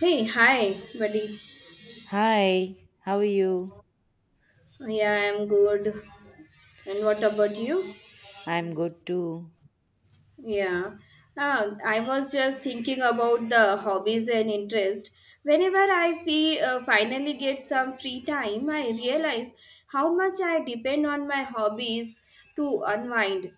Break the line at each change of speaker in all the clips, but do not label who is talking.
Hey, hi, buddy.
Hi, how are you?
Yeah, I'm good. And what about you?
I'm good too.
Yeah. I was just thinking about the hobbies and interest. Whenever I finally get some free time, I realize how much I depend on my hobbies to unwind.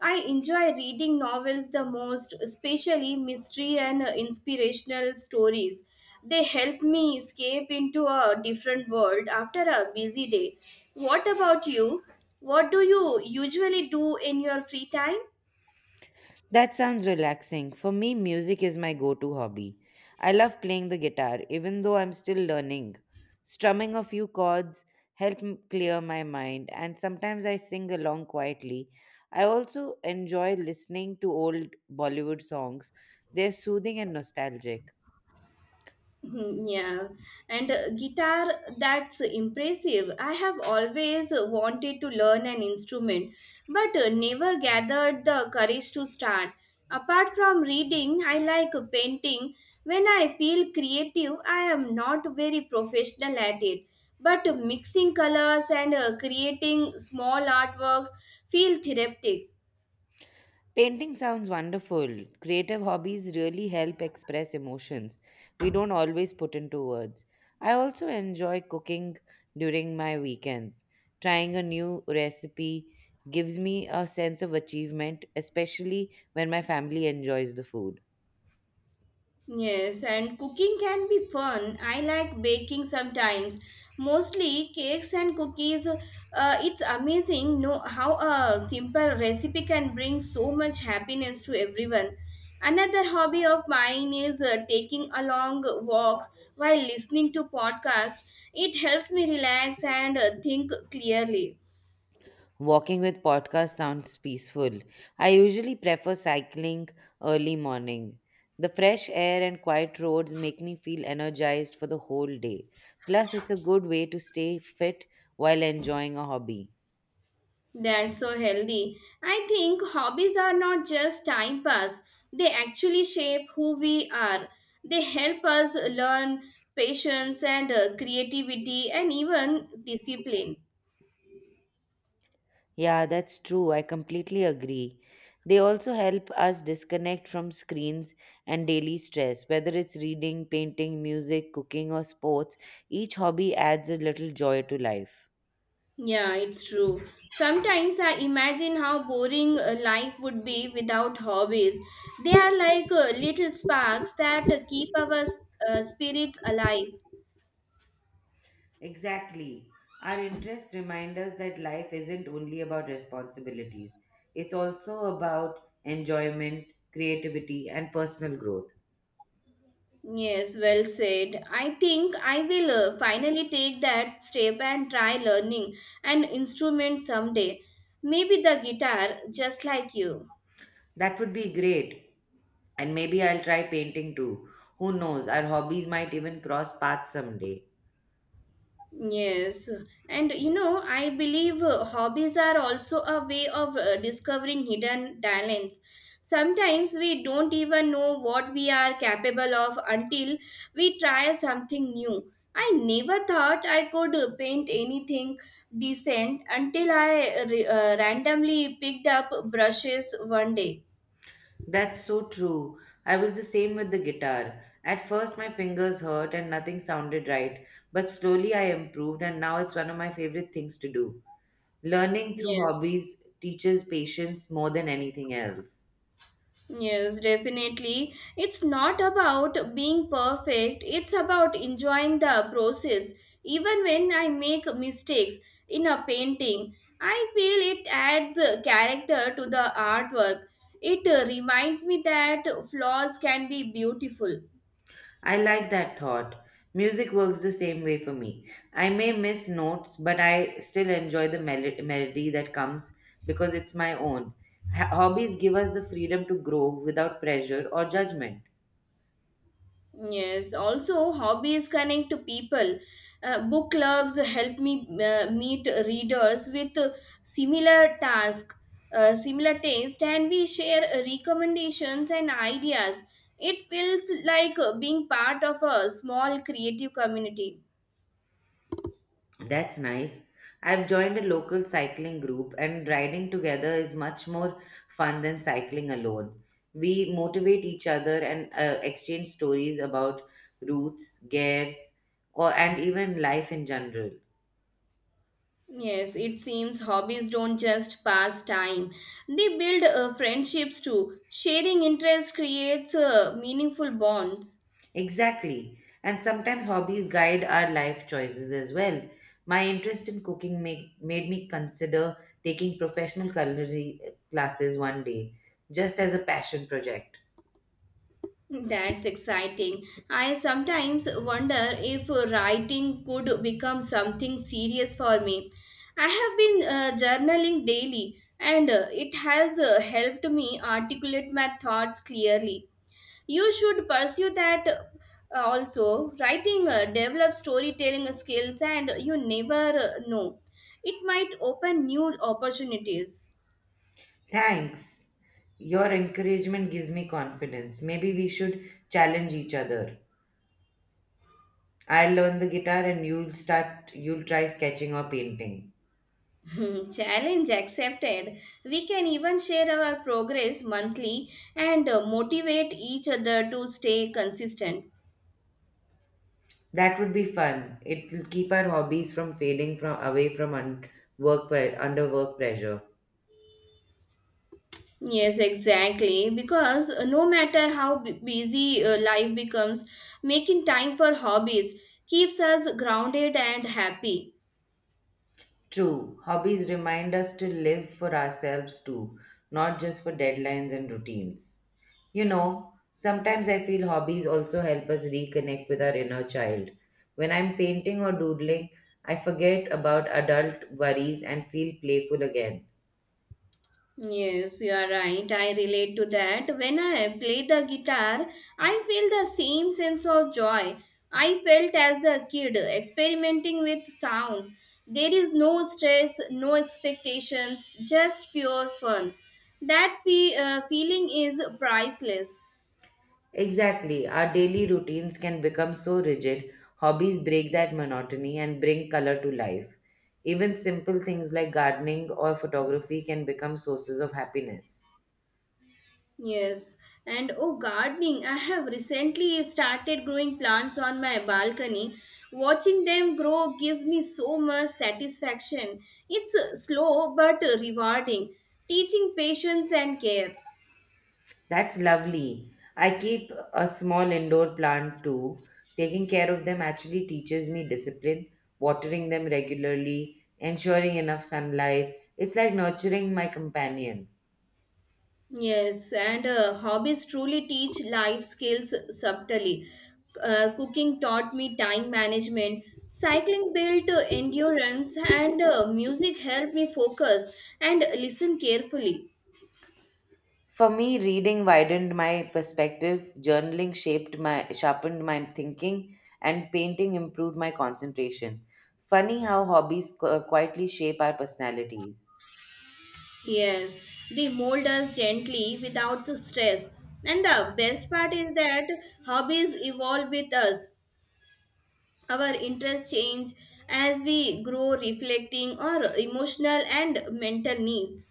I enjoy reading novels the most, especially mystery and inspirational stories. They help me escape into a different world after a busy day. What about you? What do you usually do in your free time?
That sounds relaxing. For me, music is my go to hobby. I love playing the guitar, even though I'm still learning. Strumming a few chords clear my mind, and sometimes I sing along quietly. I also enjoy listening to old Bollywood songs, they're soothing and nostalgic.
Hmm, yeah, and guitar, that's impressive. I have always wanted to learn an instrument, but never gathered the courage to start. Apart from reading, I like painting. When I feel creative, I am not very professional at it. But mixing colors and creating small artworks feel therapeutic.
Painting sounds wonderful. Creative hobbies really help express emotions we don't always put into words. I also enjoy cooking during my weekends. Trying a new recipe gives me a sense of achievement, especially when my family enjoys the food.
Yes, and cooking can be fun. I like baking sometimes, mostly cakes and cookies. It's amazing know how a simple recipe can bring so much happiness to everyone. Another hobby of mine is taking a long walks while listening to podcasts. It helps me relax and think clearly.
Walking with podcast sounds peaceful. I usually prefer cycling early morning. The fresh air and quiet roads make me feel energized for the whole day. Plus, it's a good way to stay fit while enjoying a hobby.
That's so healthy. I think hobbies are not just time pass, they actually shape who we are. They help us learn patience and creativity and even discipline.
Yeah, that's true. I completely agree. They also help us disconnect from screens and daily stress. Whether it's reading, painting, music, cooking, or sports, each hobby adds a little joy to life.
Yeah, it's true. Sometimes I imagine how boring life would be without hobbies. They are like little sparks that keep our spirits alive.
Exactly. Our interests remind us that life isn't only about responsibilities, it's also about enjoyment, creativity, and personal growth.
Yes, well said. I think I will finally take that step and try learning an instrument someday. Maybe the guitar, just like you.
That would be great. And maybe I'll try painting too. Who knows? Our hobbies might even cross paths someday.
Yes, and you know, I believe hobbies are also a way of discovering hidden talents. Sometimes we don't even know what we are capable of until we try something new. I never thought I could paint anything decent until I randomly picked up brushes one day.
That's so true. I was the same with the guitar. At first, my fingers hurt and nothing sounded right, but slowly I improved, and now it's one of my favorite things to do. Learning through
Yes.
hobbies teaches patience more than anything else.
Yes, definitely. It's not about being perfect, it's about enjoying the process. Even when I make mistakes in a painting, I feel it adds a character to the artwork. It reminds me that flaws can be beautiful.
I like that thought. Music works the same way for me. I may miss notes, but I still enjoy the melody that comes because it's my own. Hobbies give us the freedom to grow without pressure or judgment.
Yes, also hobbies connect to people. Book clubs help me meet readers with similar task, similar taste, and we share recommendations and ideas. It feels like being part of a small creative community.
That's nice. I've joined a local cycling group, and riding together is much more fun than cycling alone. We motivate each other and exchange stories about routes, gears, or and even life in general.
Yes, it seems hobbies don't just pass time. They build friendships too. Sharing interests creates meaningful bonds.
Exactly. And sometimes hobbies guide our life choices as well. My interest in cooking made me consider taking professional culinary classes one day, just as a passion project.
That's exciting. I sometimes wonder if writing could become something serious for me. I have been journaling daily and it has helped me articulate my thoughts clearly. You should pursue that also. Writing develops storytelling skills and you never know. It might open new opportunities.
Thanks. Your encouragement gives me confidence. Maybe we should challenge each other. I'll learn the guitar and you'll try sketching or painting.
Challenge accepted. We can even share our progress monthly and motivate each other to stay consistent.
That would be fun. It'll keep our hobbies from fading from away from un- work pre- under work pressure.
Yes, exactly. Because no matter how busy life becomes, making time for hobbies keeps us grounded and happy.
True, hobbies remind us to live for ourselves too, not just for deadlines and routines. You know, sometimes I feel hobbies also help us reconnect with our inner child. When I'm painting or doodling, I forget about adult worries and feel playful again.
Yes, you are right. I relate to that. When I play the guitar, I feel the same sense of joy I felt as a kid experimenting with sounds. There is no stress, no expectations, just pure fun. That feeling is priceless.
Exactly, our daily routines can become so rigid, hobbies break that monotony and bring color to life. Even simple things like gardening or photography can become sources of happiness.
Yes, and oh, gardening. I have recently started growing plants on my balcony. Watching them grow gives me so much satisfaction. It's slow but rewarding, teaching patience and care.
That's lovely. I keep a small indoor plant too. Taking care of them actually teaches me discipline, watering them regularly, ensuring enough sunlight. It's like nurturing my companion.
Yes, and hobbies truly teach life skills subtly. Cooking taught me time management. Cycling built endurance, and music helped me focus and listen carefully.
For me, reading widened my perspective, journaling shaped my sharpened my thinking, and painting improved my concentration. Funny how hobbies quietly shape our personalities.
Yes, they mold us gently without the stress. And the best part is that hobbies evolve with us. Our interests change as we grow, reflecting our emotional and mental needs.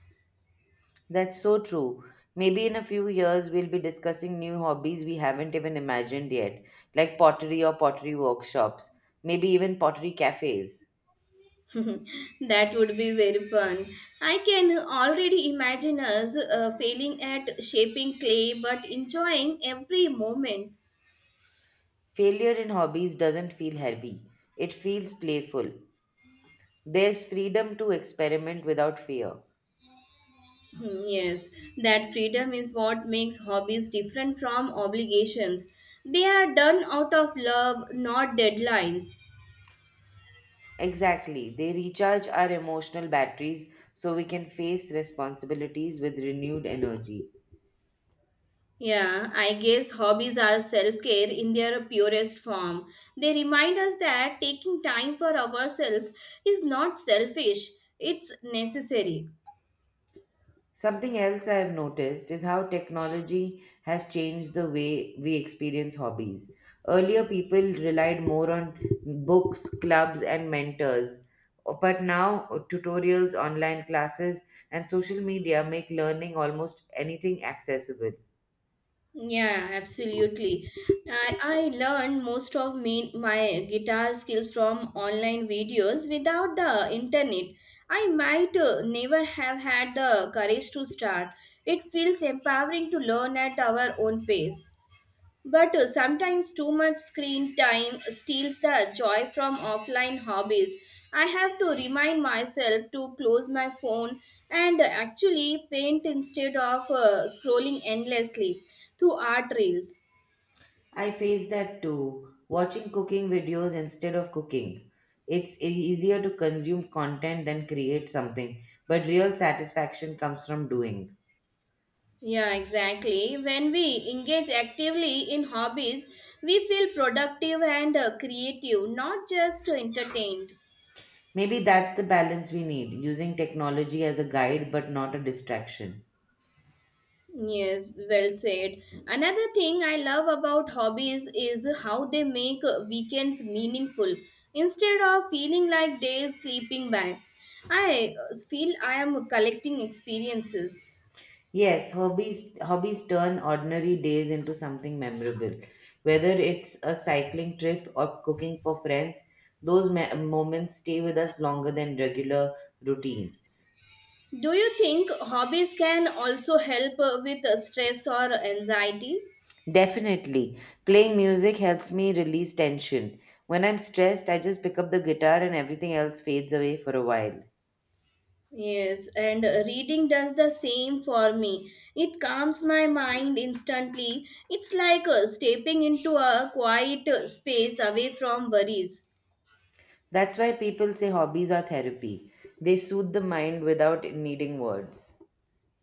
That's so true. Maybe in a few years, we'll be discussing new hobbies we haven't even imagined yet, like pottery or pottery workshops, maybe even pottery cafes.
That would be very fun. I can already imagine us failing at shaping clay but enjoying every moment.
Failure in hobbies doesn't feel heavy, it feels playful. There's freedom to experiment without fear.
Hmm, yes, that freedom is what makes hobbies different from obligations. They are done out of love, not deadlines.
Exactly, they recharge our emotional batteries so we can face responsibilities with renewed energy.
Yeah, I guess hobbies are self care in their purest form. They remind us that taking time for ourselves is not selfish, it's necessary.
Something else I've noticed is how technology has changed the way we experience hobbies. Earlier, people relied more on books, clubs, and mentors. But now, tutorials, online classes, and social media make learning almost anything accessible.
Yeah, absolutely. I learned most of my guitar skills from online videos without the internet. I might never have had the courage to start. It feels empowering to learn at our own pace. But sometimes too much screen time steals the joy from offline hobbies. I have to remind myself to close my phone and actually paint instead of scrolling endlessly through art reels.
I face that too, watching cooking videos instead of cooking. It's easier to consume content than create something, but real satisfaction comes from doing.
Yeah, exactly. When we engage actively in hobbies, we feel productive and creative, not just entertained.
Maybe that's the balance we need, using technology as a guide but not a distraction.
Yes, well said. Another thing I love about hobbies is how they make weekends meaningful instead of feeling like days slipping by. I feel I am collecting experiences.
Yes, hobbies turn ordinary days into something memorable. Whether it's a cycling trip or cooking for friends, those moments stay with us longer than regular routines.
Do you think hobbies can also help with stress or anxiety?
Definitely. Playing music helps me release tension. When I'm stressed, I just pick up the guitar and everything else fades away for a while.
Yes, and reading does the same for me. It calms my mind instantly. It's like stepping into a quiet space away from worries.
That's why people say hobbies are therapy. They soothe the mind without needing words.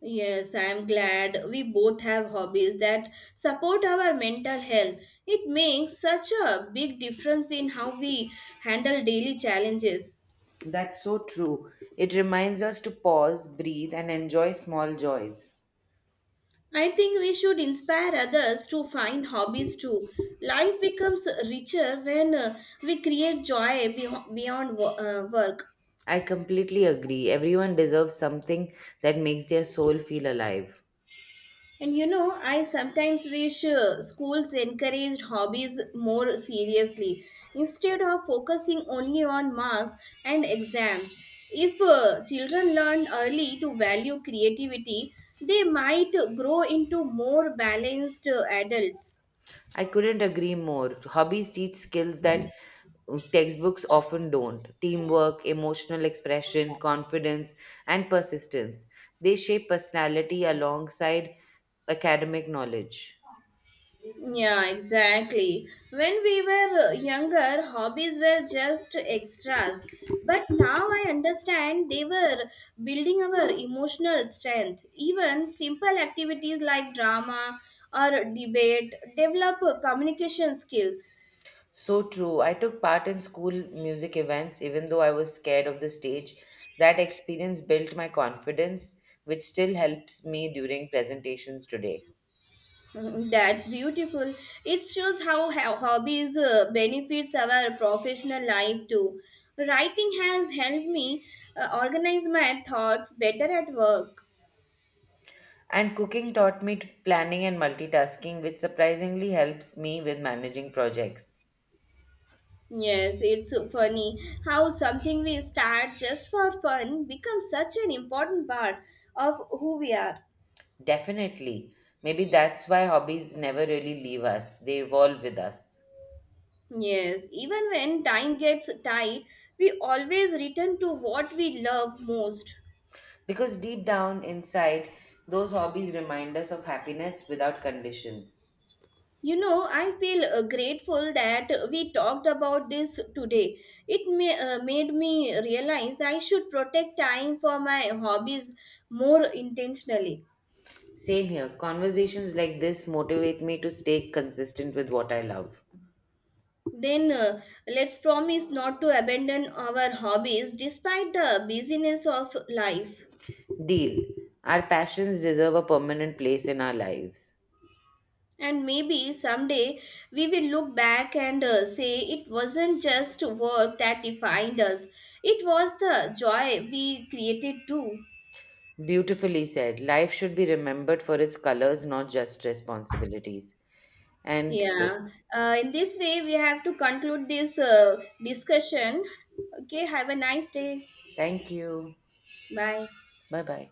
Yes, I am glad we both have hobbies that support our mental health. It makes such a big difference in how we handle daily challenges.
That's so true. It reminds us to pause, breathe, and enjoy small joys.
I think we should inspire others to find hobbies too. Life becomes richer when we create joy beyond work.
I completely agree. Everyone deserves something that makes their soul feel alive.
And you know, I sometimes wish schools encouraged hobbies more seriously instead of focusing only on marks and exams. If children learn early to value creativity, they might grow into more balanced adults.
I couldn't agree more. Hobbies teach skills that textbooks often don't teamwork, emotional expression, confidence, and persistence. They shape personality alongside academic knowledge.
Yeah, exactly. When we were younger, hobbies were just extras. But now I understand they were building our emotional strength. Even simple activities like drama or debate develop communication skills.
So true. I took part in school music events, even though I was scared of the stage. That experience built my confidence, which still helps me during presentations today.
Mm, that's beautiful. It shows how hobbies benefits our professional life too. Writing has helped me organize my thoughts better at work.
And cooking taught me planning and multitasking, which surprisingly helps me with managing projects.
Yes, it's so funny how something we start just for fun becomes such an important part of who we are.
Definitely. Maybe that's why hobbies never really leave us, they evolve with us.
Yes, even when time gets tight, we always return to what we love most.
Because deep down inside, those hobbies remind us of happiness without conditions.
You know, I feel grateful that we talked about this today. It made me realize I should protect time for my hobbies more intentionally.
Same here. Conversations like this motivate me to stay consistent with what I love.
Then Let's promise not to abandon our hobbies despite the busyness of life.
Deal. Our passions deserve a permanent place in our lives.
And maybe someday we will look back and say it wasn't just work that defined us, it was the joy we created too.
Beautifully said. Life should be remembered for its colors, not just responsibilities. And
Yeah, in this way we have to conclude this discussion. Okay, have a nice day.
Thank you.
Bye.
Bye bye.